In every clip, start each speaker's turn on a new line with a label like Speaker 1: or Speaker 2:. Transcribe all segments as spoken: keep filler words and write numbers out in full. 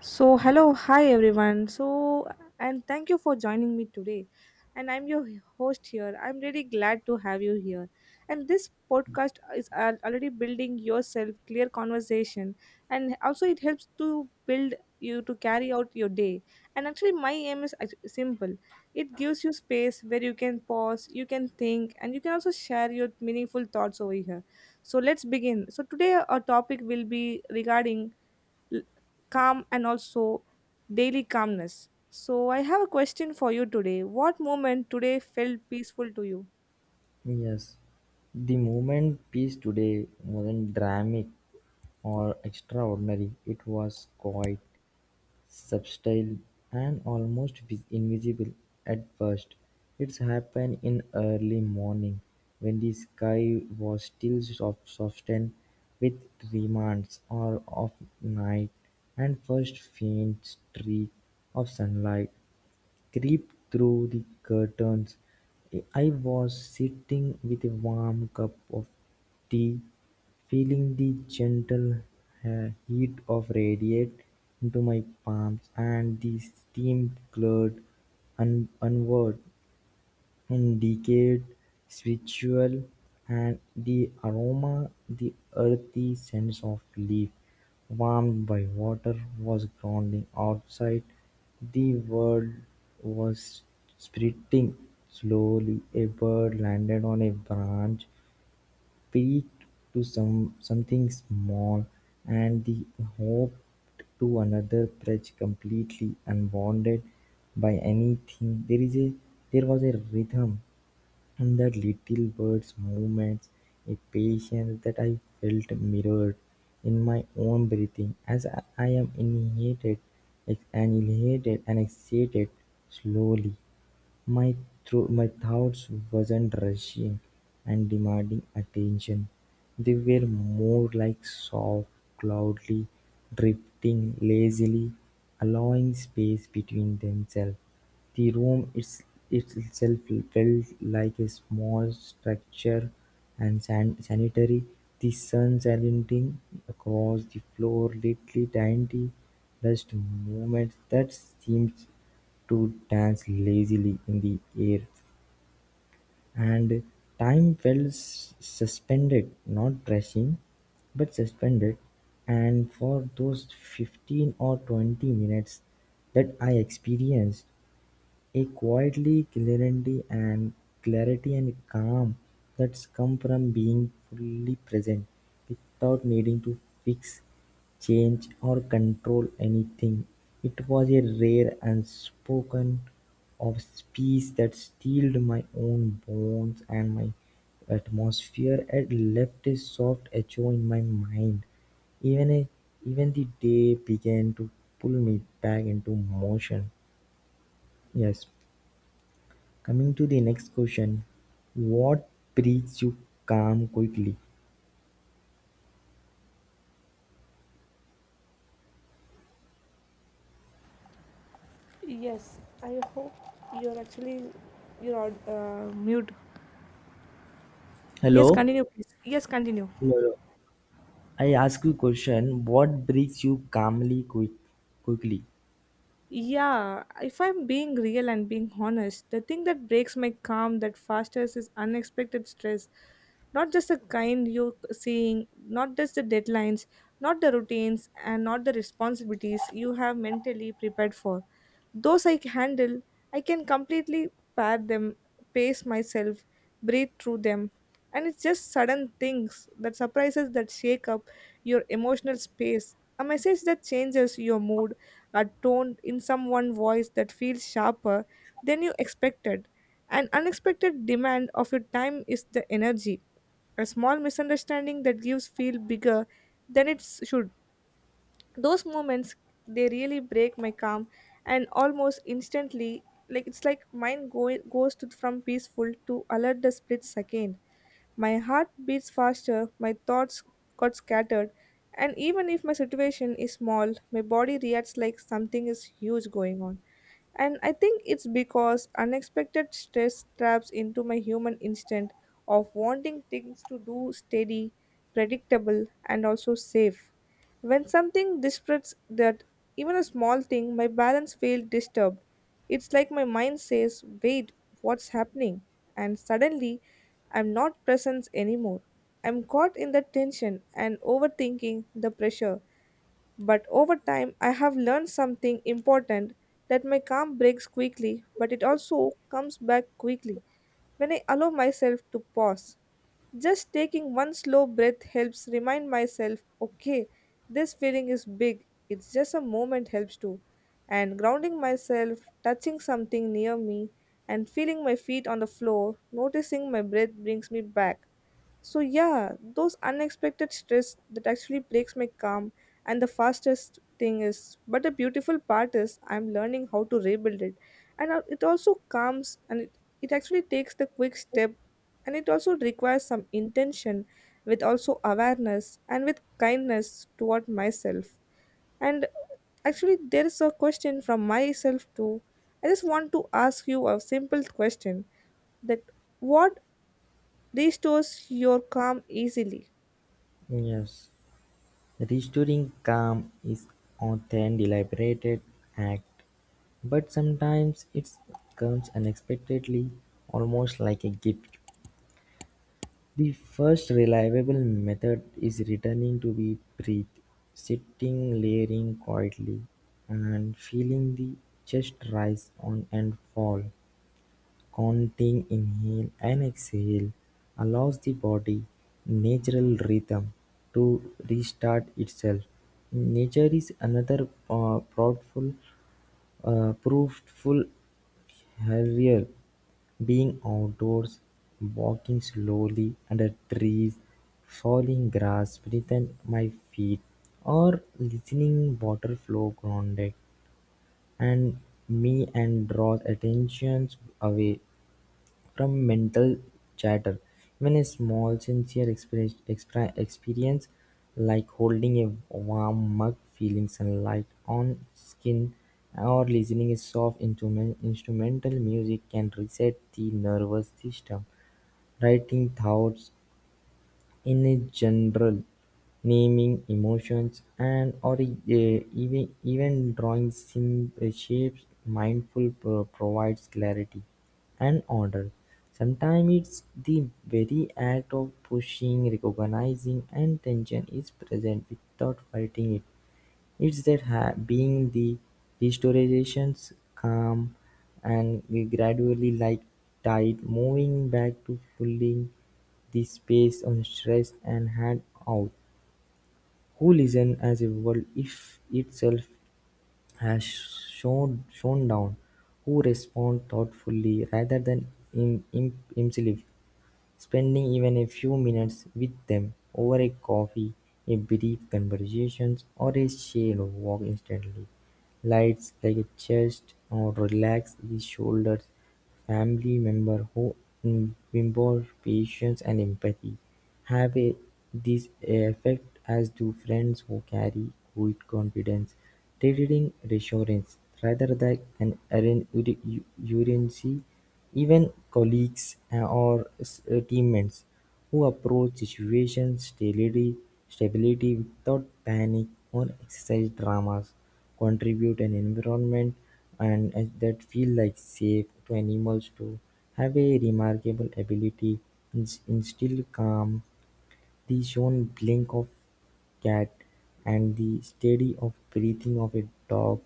Speaker 1: So, hello, hi everyone. So, and thank you for joining me today. And I'm your host here. I'm really glad to have you here. And this podcast is al- already building yourself clear conversation and also it helps to build you to carry out your day. And actually my aim is act- simple. It gives you space where you can pause, you can think and you can also share your meaningful thoughts over here. So, let's begin. So, today our topic will be regarding l- calm and also daily calmness. So, I have a question for you today. What moment today felt peaceful to you?
Speaker 2: Yes, the movement piece today wasn't dramatic or extraordinary, it was quite subtle and almost vis- invisible at first. It's happened in early morning when the sky was still soft, softened with remnants or of night and first faint streak of sunlight creep through the curtains. I was sitting with a warm cup of tea, feeling the gentle uh, heat of radiate into my palms and the steam glared un- onward. In decayed residual and the aroma, the earthy sense of leaf warmed by water was growing outside; the world was splitting. Slowly a bird landed on a branch, peeked to some something small, and the hopped to another perch completely unbounded by anything. There is a there was a rhythm and that little bird's movements, a patience that I felt mirrored in my own breathing as I I am inhated, ex- annihilated, and exhated slowly. My thro- my thoughts was not rushing and demanding attention, they were more like soft cloudly, drifting lazily, allowing space between themselves. The room its, its itself felt like a small structure and san- sanitary. The sun slanting across the floor, little tiny dust movements that seemed to dance lazily in the air, and time felt s- suspended, not rushing, but suspended. And for those fifteen or twenty minutes that I experienced, a quietly clarity and clarity and calm that's come from being fully present, without needing to fix, change or control anything. It was a rare unspoken of speech that steeled my own bones and my atmosphere and left a soft echo in my mind. Even a, Even the day began to pull me back into motion. Yes. Coming to the next question, what brings you calm quickly?
Speaker 1: Yes, I hope you're actually you're on, uh, mute. Yes,
Speaker 2: Hello?
Speaker 1: continue, please. Yes, continue.
Speaker 2: Hello. I ask you question, what brings you calmly quick quickly?
Speaker 1: Yeah, if I'm being real and being honest, the thing that breaks my calm that fastest is unexpected stress. Not just the kind you're seeing, not just the deadlines, not the routines, and not the responsibilities you have mentally prepared for. Those I can handle, I can completely pair them, pace myself, breathe through them, and it's just sudden things that surprises that shake up your emotional space, a message that changes your mood, a tone in someone's voice that feels sharper than you expected, an unexpected demand of your time is the energy, a small misunderstanding that gives feel bigger than it should. Those moments, they really break my calm, and almost instantly, like it's like mind go- goes to, from peaceful to alert the split second. My heart beats faster, my thoughts got scattered, and even if my situation is small, my body reacts like something is huge going on. And I think it's because unexpected stress traps into my human instinct of wanting things to do steady, predictable, and also safe. When something disrupts that, even a small thing, my balance feels disturbed. It's like my mind says, "Wait, what's happening?" And suddenly, I'm not present anymore. I'm caught in the tension and overthinking the pressure, but over time, I have learned something important, that my calm breaks quickly, but it also comes back quickly when I allow myself to pause. Just taking one slow breath helps remind myself, okay, this feeling is big, it's just a moment helps too. And grounding myself, touching something near me, and feeling my feet on the floor, noticing my breath brings me back. So yeah, those unexpected stress that actually breaks my calm and the fastest thing is, but the beautiful part is I'm learning how to rebuild it, and uh, it also comes and it, it actually takes the quick step, and it also requires some intention, with also awareness and with kindness toward myself. And actually there is a question from myself too. I just want to ask you a simple question, that what restores your calm easily.
Speaker 2: Yes. Restoring calm is often deliberate act, but sometimes it comes unexpectedly, almost like a gift. The first reliable method is returning to the breath, sitting, layering quietly, and feeling the chest rise on and fall. Counting inhale and exhale allows the body natural rhythm to restart itself. Nature is another uh, proudful, uh, proveful harrier. Being outdoors, walking slowly under trees, falling grass beneath my feet, or listening water flow grounded and me and draws attentions away from mental chatter. Even a small, sincere experience, expri- experience like holding a warm mug, feeling sunlight on skin, or listening a soft instrument, instrumental music can reset the nervous system. Writing thoughts in general, naming emotions and/or even even drawing sim- uh, shapes mindful pro- provides clarity and order. Sometimes it's the very act of pushing, recognizing, and tension is present without fighting it. It's their being the restorations calm and we gradually like tide moving back to filling the space on stress and hand out. Who listen as a world if itself has shown shown down, who respond thoughtfully rather than im, im, himself. Spending even a few minutes with them over a coffee, a brief conversation, or a shale walk instantly lights like a chest or relax the shoulders. Family member who imbibe patience and empathy have a, this effect as do friends who carry good confidence, trading reassurance rather than an urgency even colleagues uh, or s- uh, teammates who approach situations stability stability without panic or exercise dramas contribute an environment and and that feel like safe to animals to have a remarkable ability to instill calm the shone blink of cat, and the steady of breathing of a dog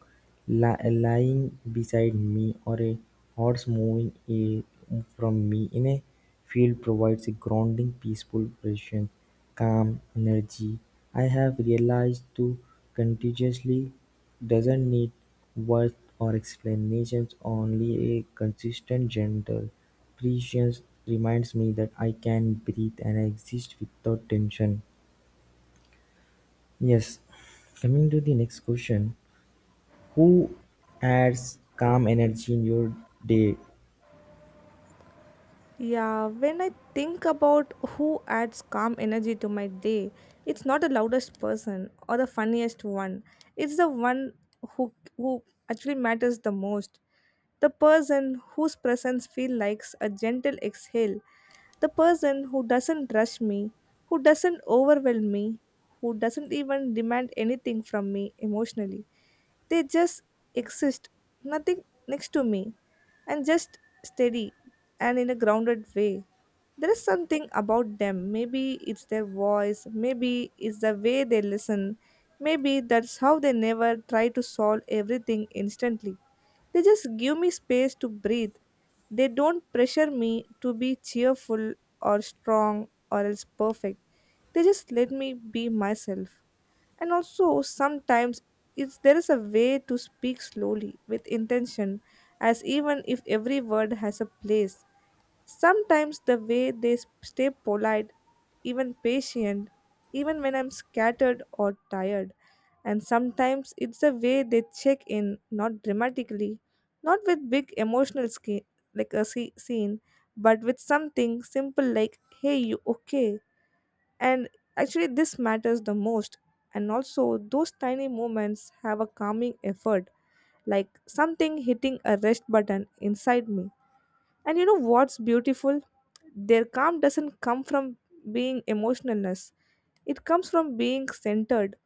Speaker 2: li- lying beside me or a horse moving a- from me in a field provides a grounding, peaceful, present, calm energy. I have realized to contagiously doesn't need words or explanations, only a consistent gentle presence reminds me that I can breathe and exist without tension. Yes. Coming to the next question. Who adds calm energy in your day?
Speaker 1: Yeah, when I think about who adds calm energy to my day, it's not the loudest person or the funniest one. It's the one who who actually matters the most. The person whose presence feels like a gentle exhale. The person who doesn't rush me, who doesn't overwhelm me, who doesn't even demand anything from me emotionally. They just exist, nothing next to me, and just steady and in a grounded way. There is something about them. Maybe it's their voice, maybe it's the way they listen, maybe that's how they never try to solve everything instantly. They just give me space to breathe. They don't pressure me to be cheerful or strong or else perfect. They just let me be myself, and also sometimes it's there is a way to speak slowly with intention, as even if every word has a place. Sometimes the way they s- stay polite, even patient, even when I'm scattered or tired. And sometimes it's the way they check in, not dramatically, not with big emotional sca- like a sce- scene, but with something simple like, "Hey, you okay?" And actually, this matters the most. And also, those tiny moments have a calming effort, like something hitting a rest button inside me. And you know what's beautiful? Their calm doesn't come from being emotionless, it comes from being centered.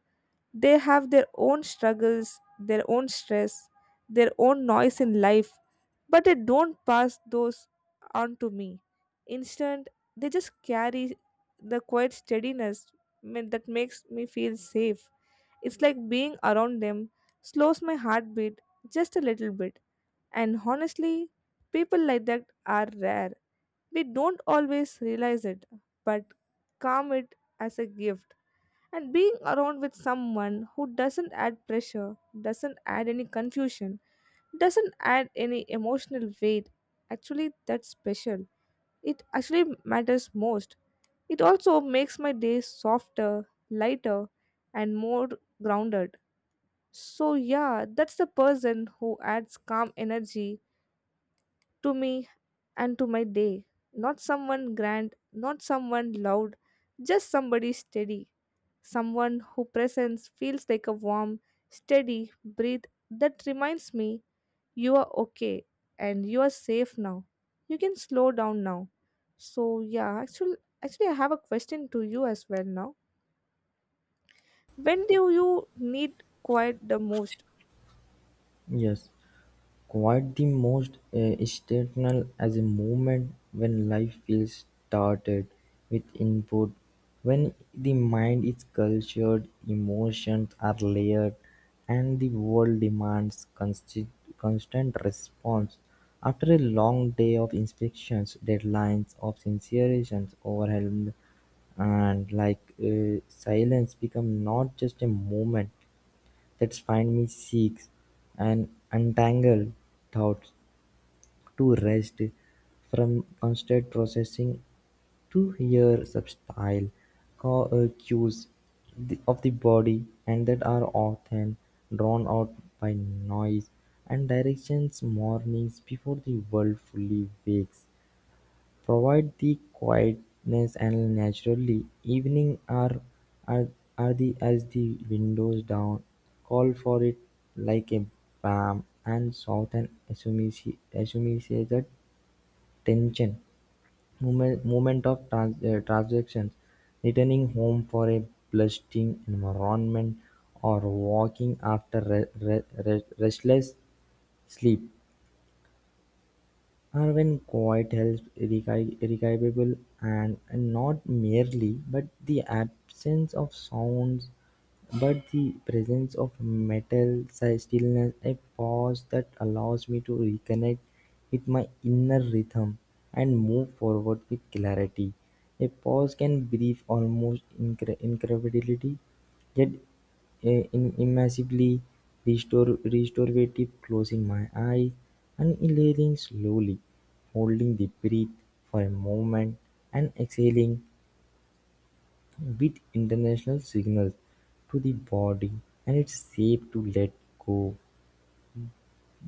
Speaker 1: They have their own struggles, their own stress, their own noise in life, but they don't pass those on to me. Instead, they just carry the quiet steadiness ma- that makes me feel safe. It's like being around them slows my heartbeat just a little bit. And honestly, people like that are rare. We don't always realize it, but calm it as a gift. And being around with someone who doesn't add pressure, doesn't add any confusion, doesn't add any emotional weight, actually, that's special. It actually matters most. It also makes my day softer, lighter, and more grounded. So, yeah, that's the person who adds calm energy to me and to my day. Not someone grand, not someone loud, just somebody steady. Someone who presence feels like a warm, steady breath that reminds me you are okay and you are safe now. You can slow down now. So yeah, actually actually I have a question to you as well now. When do you need quiet the most?
Speaker 2: Yes. Quite the most uh, exceptional as a moment when life feels started with input, when the mind is cultured, emotions are layered, and the world demands consti- constant response. After a long day of inspections, deadlines, of sincerations, overwhelmed, and like uh, silence become not just a moment that find me seeks and untangle thoughts to rest from constant processing to hear subtle ca- uh, cues the- of the body and that are often drawn out by noise and directions mornings before the world fully wakes provide the quietness and naturally, evening are are are the as the windows down, call for it like a balm, and southern soothe an associated tension. Moment moment of trans, uh, transactions returning home for a bustling environment or walking after re- re- re- restless sleep. Irvine Coit helps irreca- irrecoverable and and not merely but the absence of sounds but the presence of metal, mental stillness, a pause that allows me to reconnect with my inner rhythm and move forward with clarity. A pause can brief almost incre- incredibility, yet an immeasurably restor- restorative closing my eyes, inhaling slowly, holding the breath for a moment, and exhaling with international signals to the body and its shape to let go.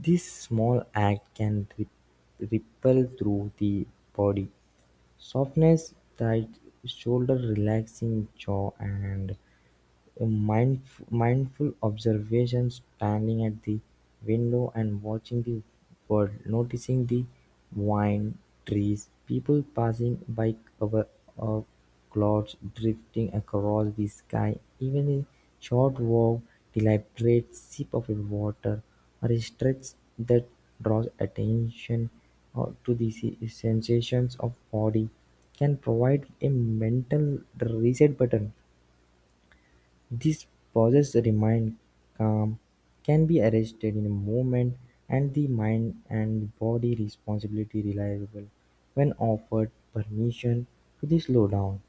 Speaker 2: This small act can rip- ripple through the body. Softness, tight shoulder, relaxing jaw, and Mindf- mindful observation, standing at the window and watching the world, noticing the vine trees, people passing by, cover of clouds drifting across the sky, even a short walk, deliberate sip of water, or a stretch that draws attention uh, to the se- sensations of body can provide a mental reset button. These pauses remain calm, can be arrested in a moment, and the mind and body responsibility reliable when offered permission to the slow down.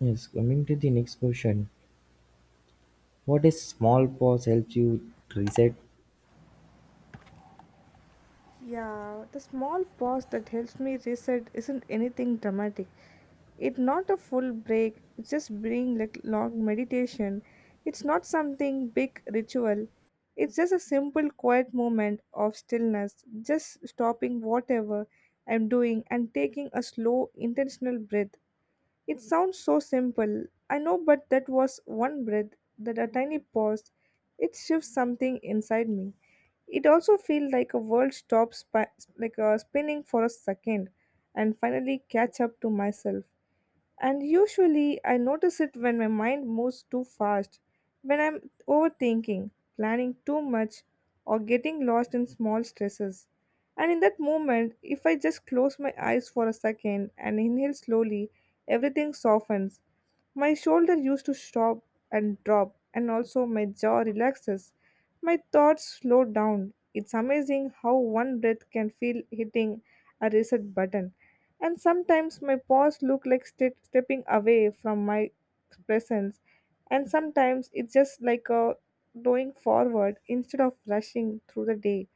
Speaker 2: Yes, coming to the next question. What a small pause helps you reset?
Speaker 1: Yeah, the small pause that helps me reset isn't anything dramatic. It's not a full break, it's just being like long meditation. It's not something big ritual. It's just a simple quiet moment of stillness, just stopping whatever I'm doing and taking a slow intentional breath. It sounds so simple, I know, but that was one breath, that a tiny pause. It shifts something inside me. It also feels like a world stops, spi- like uh, spinning for a second, and finally catch up to myself. And usually I notice it when my mind moves too fast, when I'm overthinking, planning too much, or getting lost in small stresses. And in that moment, if I just close my eyes for a second and inhale slowly, everything softens. My shoulder used to stop and drop, and also my jaw relaxes. My thoughts slow down. It's amazing how one breath can feel hitting a reset button. And sometimes my paws look like ste- stepping away from my presence, and sometimes it's just like a going forward instead of rushing through the day.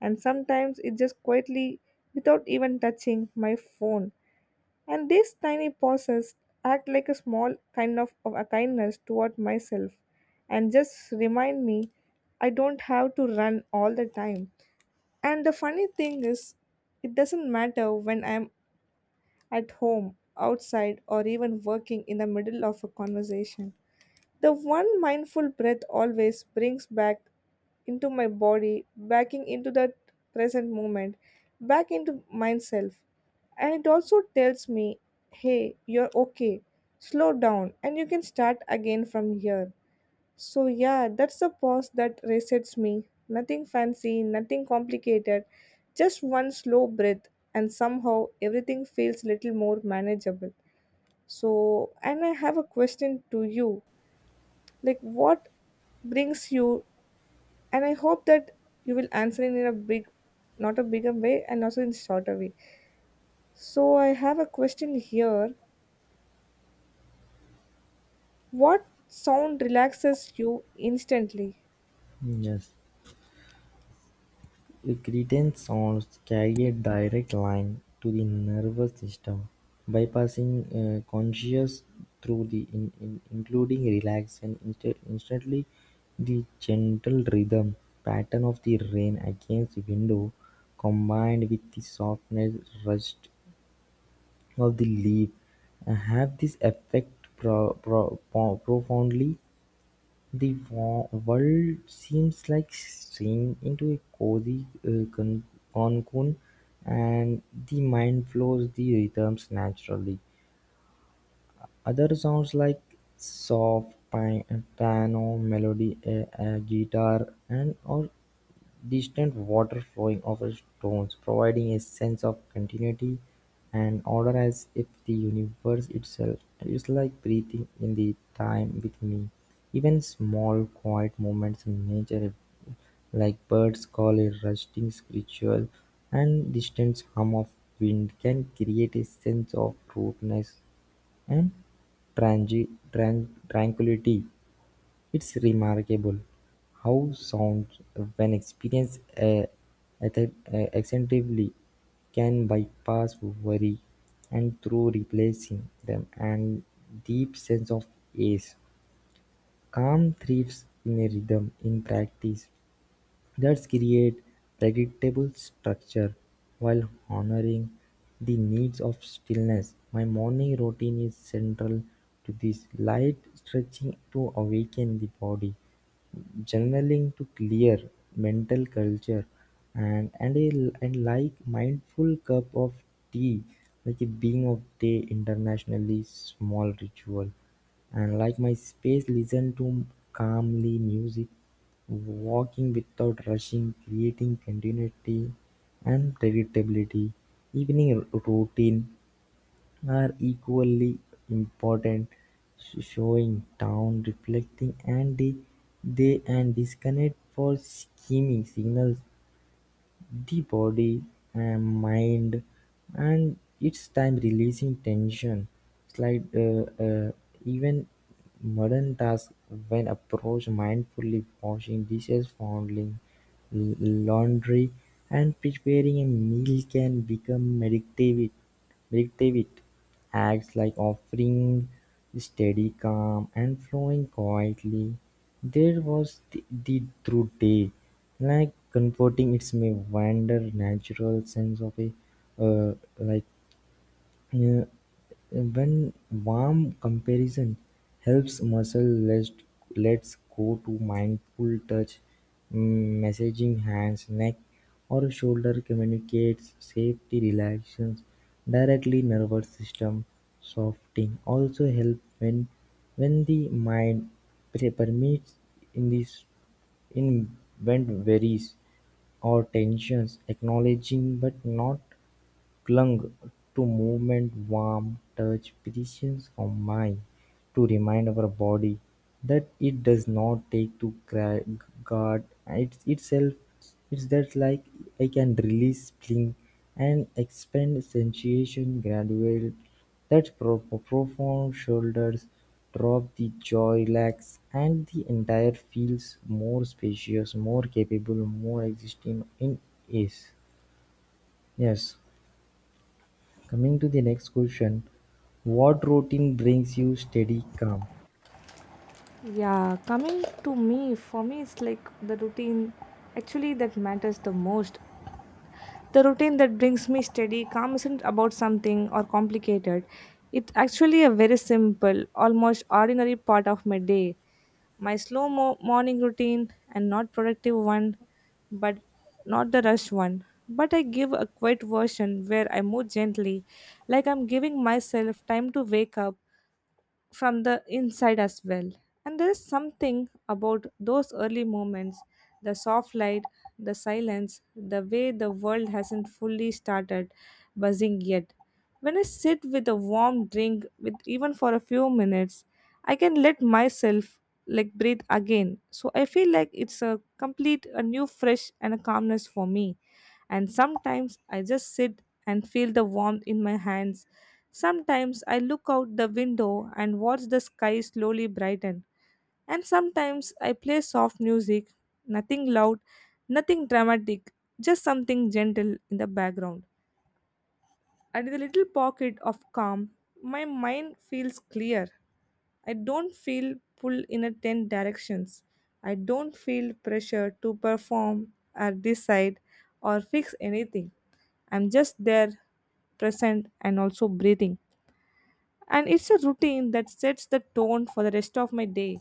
Speaker 1: And sometimes it just quietly, without even touching my phone. And these tiny pauses act like a small kind of, of a kindness toward myself, and just remind me I don't have to run all the time. And the funny thing is, it doesn't matter when I'm at home, outside, or even working in the middle of a conversation. The one mindful breath always brings back into my body, backing into that present moment, back into myself. And it also tells me, hey, you're okay. Slow down, and you can start again from here. So, yeah, that's the pause that resets me. Nothing fancy, nothing complicated, just one slow breath, and somehow everything feels little more manageable. So, and I have a question to you, like what brings you, and I hope that you will answer it in a big, not a bigger way, and also in shorter way. So I have a question here, what sound relaxes you instantly?
Speaker 2: Yes. Irritant sounds carry a direct line to the nervous system, bypassing uh, conscious through the in, in- including relaxed and insta- instantly the gentle rhythm pattern of the rain against window combined with the softness rust of the leaf uh, have this effect pro- pro- po- profoundly the wo- world seems like steam into a cozy uh, con- cocoon, and the mind flows the rhythms naturally. Other sounds like soft pi- piano melody, a, a guitar, and or distant water flowing over stones providing a sense of continuity and order as if the universe itself is like breathing in the time with me. Even small quiet moments in nature like birds call a rusting ritual and distant hum of wind can create a sense of rootness and transi- tran- tranquility. It's remarkable how sound, when experienced uh, ath- uh, extensively, can bypass worry and through replacing them and deep sense of ease. Calm thrives in a rhythm in practice that create predictable structure while honoring the needs of stillness. My morning routine is central to this light stretching to awaken the body journaling to clear mental culture and and a and like mindful cup of tea like a being of day internationally small ritual and like my space listen to calmly music walking without rushing creating continuity and predictability evening routine are equally important, showing down, reflecting and the they and disconnect for scheming signals the body and mind and its time releasing tension slide uh, uh, even modern tasks when approached mindfully washing dishes folding l- laundry and preparing a meal can become meditative McDevitt acts like offering steady calm and flowing quietly there was the the through day, like comforting its me wander natural sense of a uh, like yeah, when warm comparison helps muscle. Let's let's go to mindful touch, mm, massaging hands, neck, or shoulder communicates safety, relaxation, directly nervous system, softening. Also help when when the mind pre- permits in this in when varies or tensions, acknowledging but not clung to movement, warmth, touch, presence of mind, to remind our body that it does not take to gra- guard it, itself. It's that like I can release spring and expand sensation gradual. That pro- profound shoulders drop the jaw relax and the entire feels more spacious, more capable, more existing in is. Yes. Coming to the next question, what routine brings you steady calm?
Speaker 1: Yeah, coming to me, for me, it's like the routine actually that matters the most. The routine that brings me steady calm isn't about something or complicated. It's actually a very simple, almost ordinary part of my day. My slow mo- morning routine, and not productive one, but not the rush one. But I give a quiet version where I move gently, like I'm giving myself time to wake up from the inside as well. And there is something about those early moments, the soft light, the silence, the way the world hasn't fully started buzzing yet. When I sit with a warm drink, with even for a few minutes, I can let myself like breathe again. So I feel like it's a complete, a new, fresh, and a calmness for me, and sometimes I just sit and feel the warmth in my hands. Sometimes I look out the window and watch the sky slowly brighten. And sometimes I play soft music, nothing loud, nothing dramatic, just something gentle in the background. At the little pocket of calm, my mind feels clear. I don't feel pulled in a ten directions. I don't feel pressure to perform or decide or fix anything. I'm just there, present and also breathing. And it's a routine that sets the tone for the rest of my day.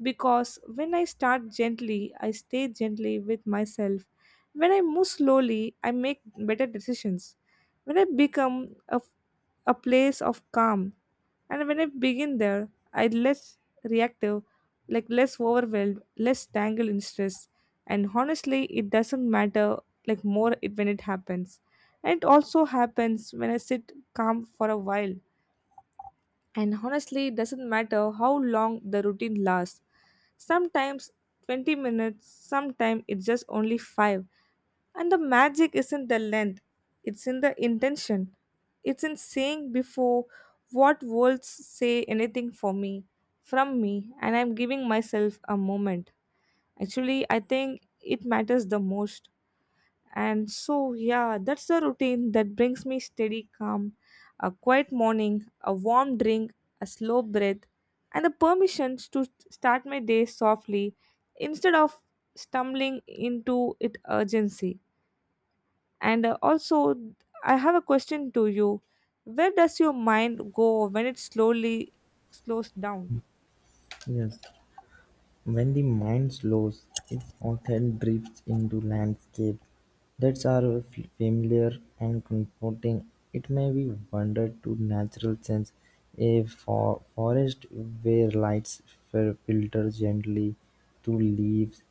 Speaker 1: Because when I start gently, I stay gently with myself. When I move slowly, I make better decisions. When I become a, a place of calm, and when I begin there, I less reactive, like less overwhelmed, less tangled in stress. And honestly, it doesn't matter like more it when it happens. And it also happens when I sit calm for a while, and honestly, it doesn't matter how long the routine lasts. Sometimes twenty minutes, sometimes it's just only five. And the magic isn't the length, it's in the intention. It's in saying before what words say anything for me, from me, and I'm giving myself a moment. Actually, I think it matters the most. And so, yeah, that's the routine that brings me steady calm, a quiet morning, a warm drink, a slow breath, and the permissions to start my day softly instead of stumbling into it urgency. And uh, also, I have a question to you. Where does your mind go when it slowly slows down?
Speaker 2: Yes, when the mind slows, it often drifts into landscapes that are f- familiar and comforting. It may be wandered to natural sense, a for- forest where lights fil- filter gently through leaves,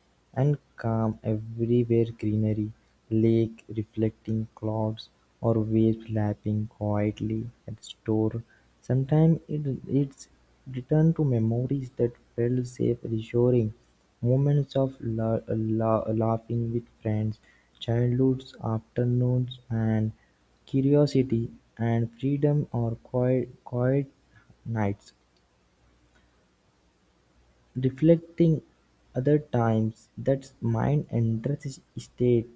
Speaker 2: and calm everywhere greenery, lake reflecting clouds, or waves lapping quietly at shore. Sometimes it, it's return to memories that felt safe, reassuring, moments of la- la- laughing with friends, childhoods, afternoons, and curiosity and freedom or quiet, quiet nights. Reflecting other times that mind and dress state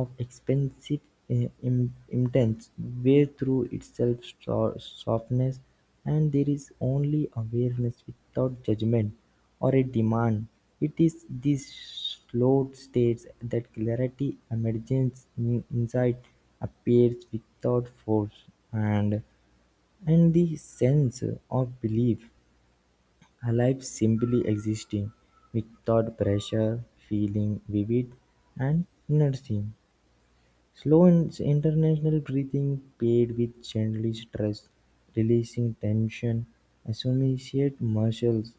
Speaker 2: of expansive intense where through itself so- softness and there is only awareness without judgment or a demand. It is these slow states that clarity emerges in insight appears without force and and the sense of belief. Alive simply existing, without pressure, feeling, vivid, and nourishing. Slow and international breathing paired with gently stress, releasing tension, associate muscles,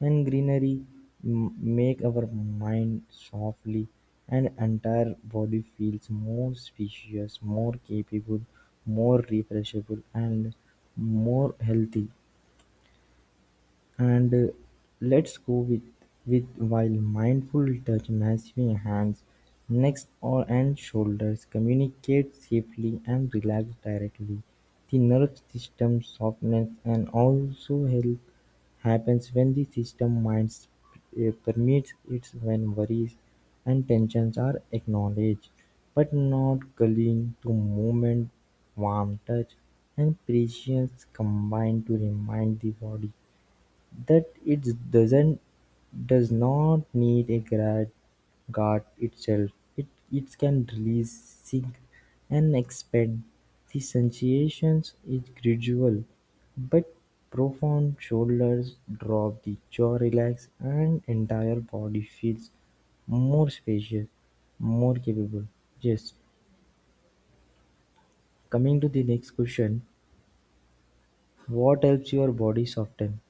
Speaker 2: and greenery m- make our mind softly and entire body feels more spacious, more capable, more refreshable and more healthy. And uh, Let's go with, with while mindful touch massively hands, necks or and shoulders communicate safely and relax directly. The nerve system softens and also health happens when the system mind uh, permits it when worries and tensions are acknowledged but not clinging to movement, warm touch, and prescience combine to remind the body that it doesn't does not need a grad guard itself; it it can release, sink, and expand. The sensations is gradual, but profound. Shoulders drop, the jaw relax, and entire body feels more spacious, more capable. Yes. Coming to the next question, what helps your body soften?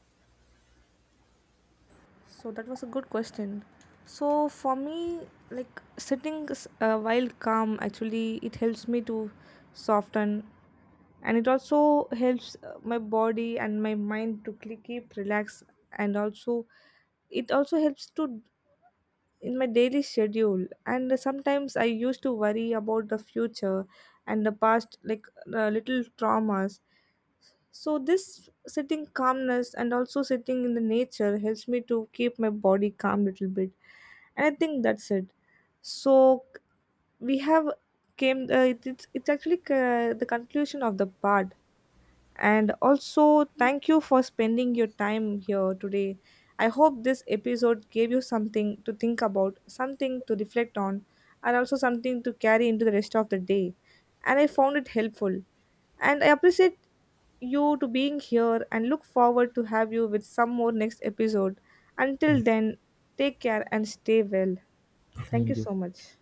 Speaker 1: So that was a good question. So for me, like sitting uh, while calm, actually it helps me to soften, and it also helps uh, my body and my mind to cl- keep relaxed, and also it also helps to in my daily schedule. And sometimes I used to worry about the future and the past, like uh, little traumas. So this sitting calmness and also sitting in the nature helps me to keep my body calm little bit, and I think that's it. So we have came. Uh, it, it's it's actually uh, the conclusion of the part, and also thank you for spending your time here today. I hope this episode gave you something to think about, something to reflect on, and also something to carry into the rest of the day. And I found it helpful, and I appreciate you to being here, and look forward to have you with some more next episode. Until then, take care and stay well. Thank you
Speaker 2: Thank you.
Speaker 1: so much.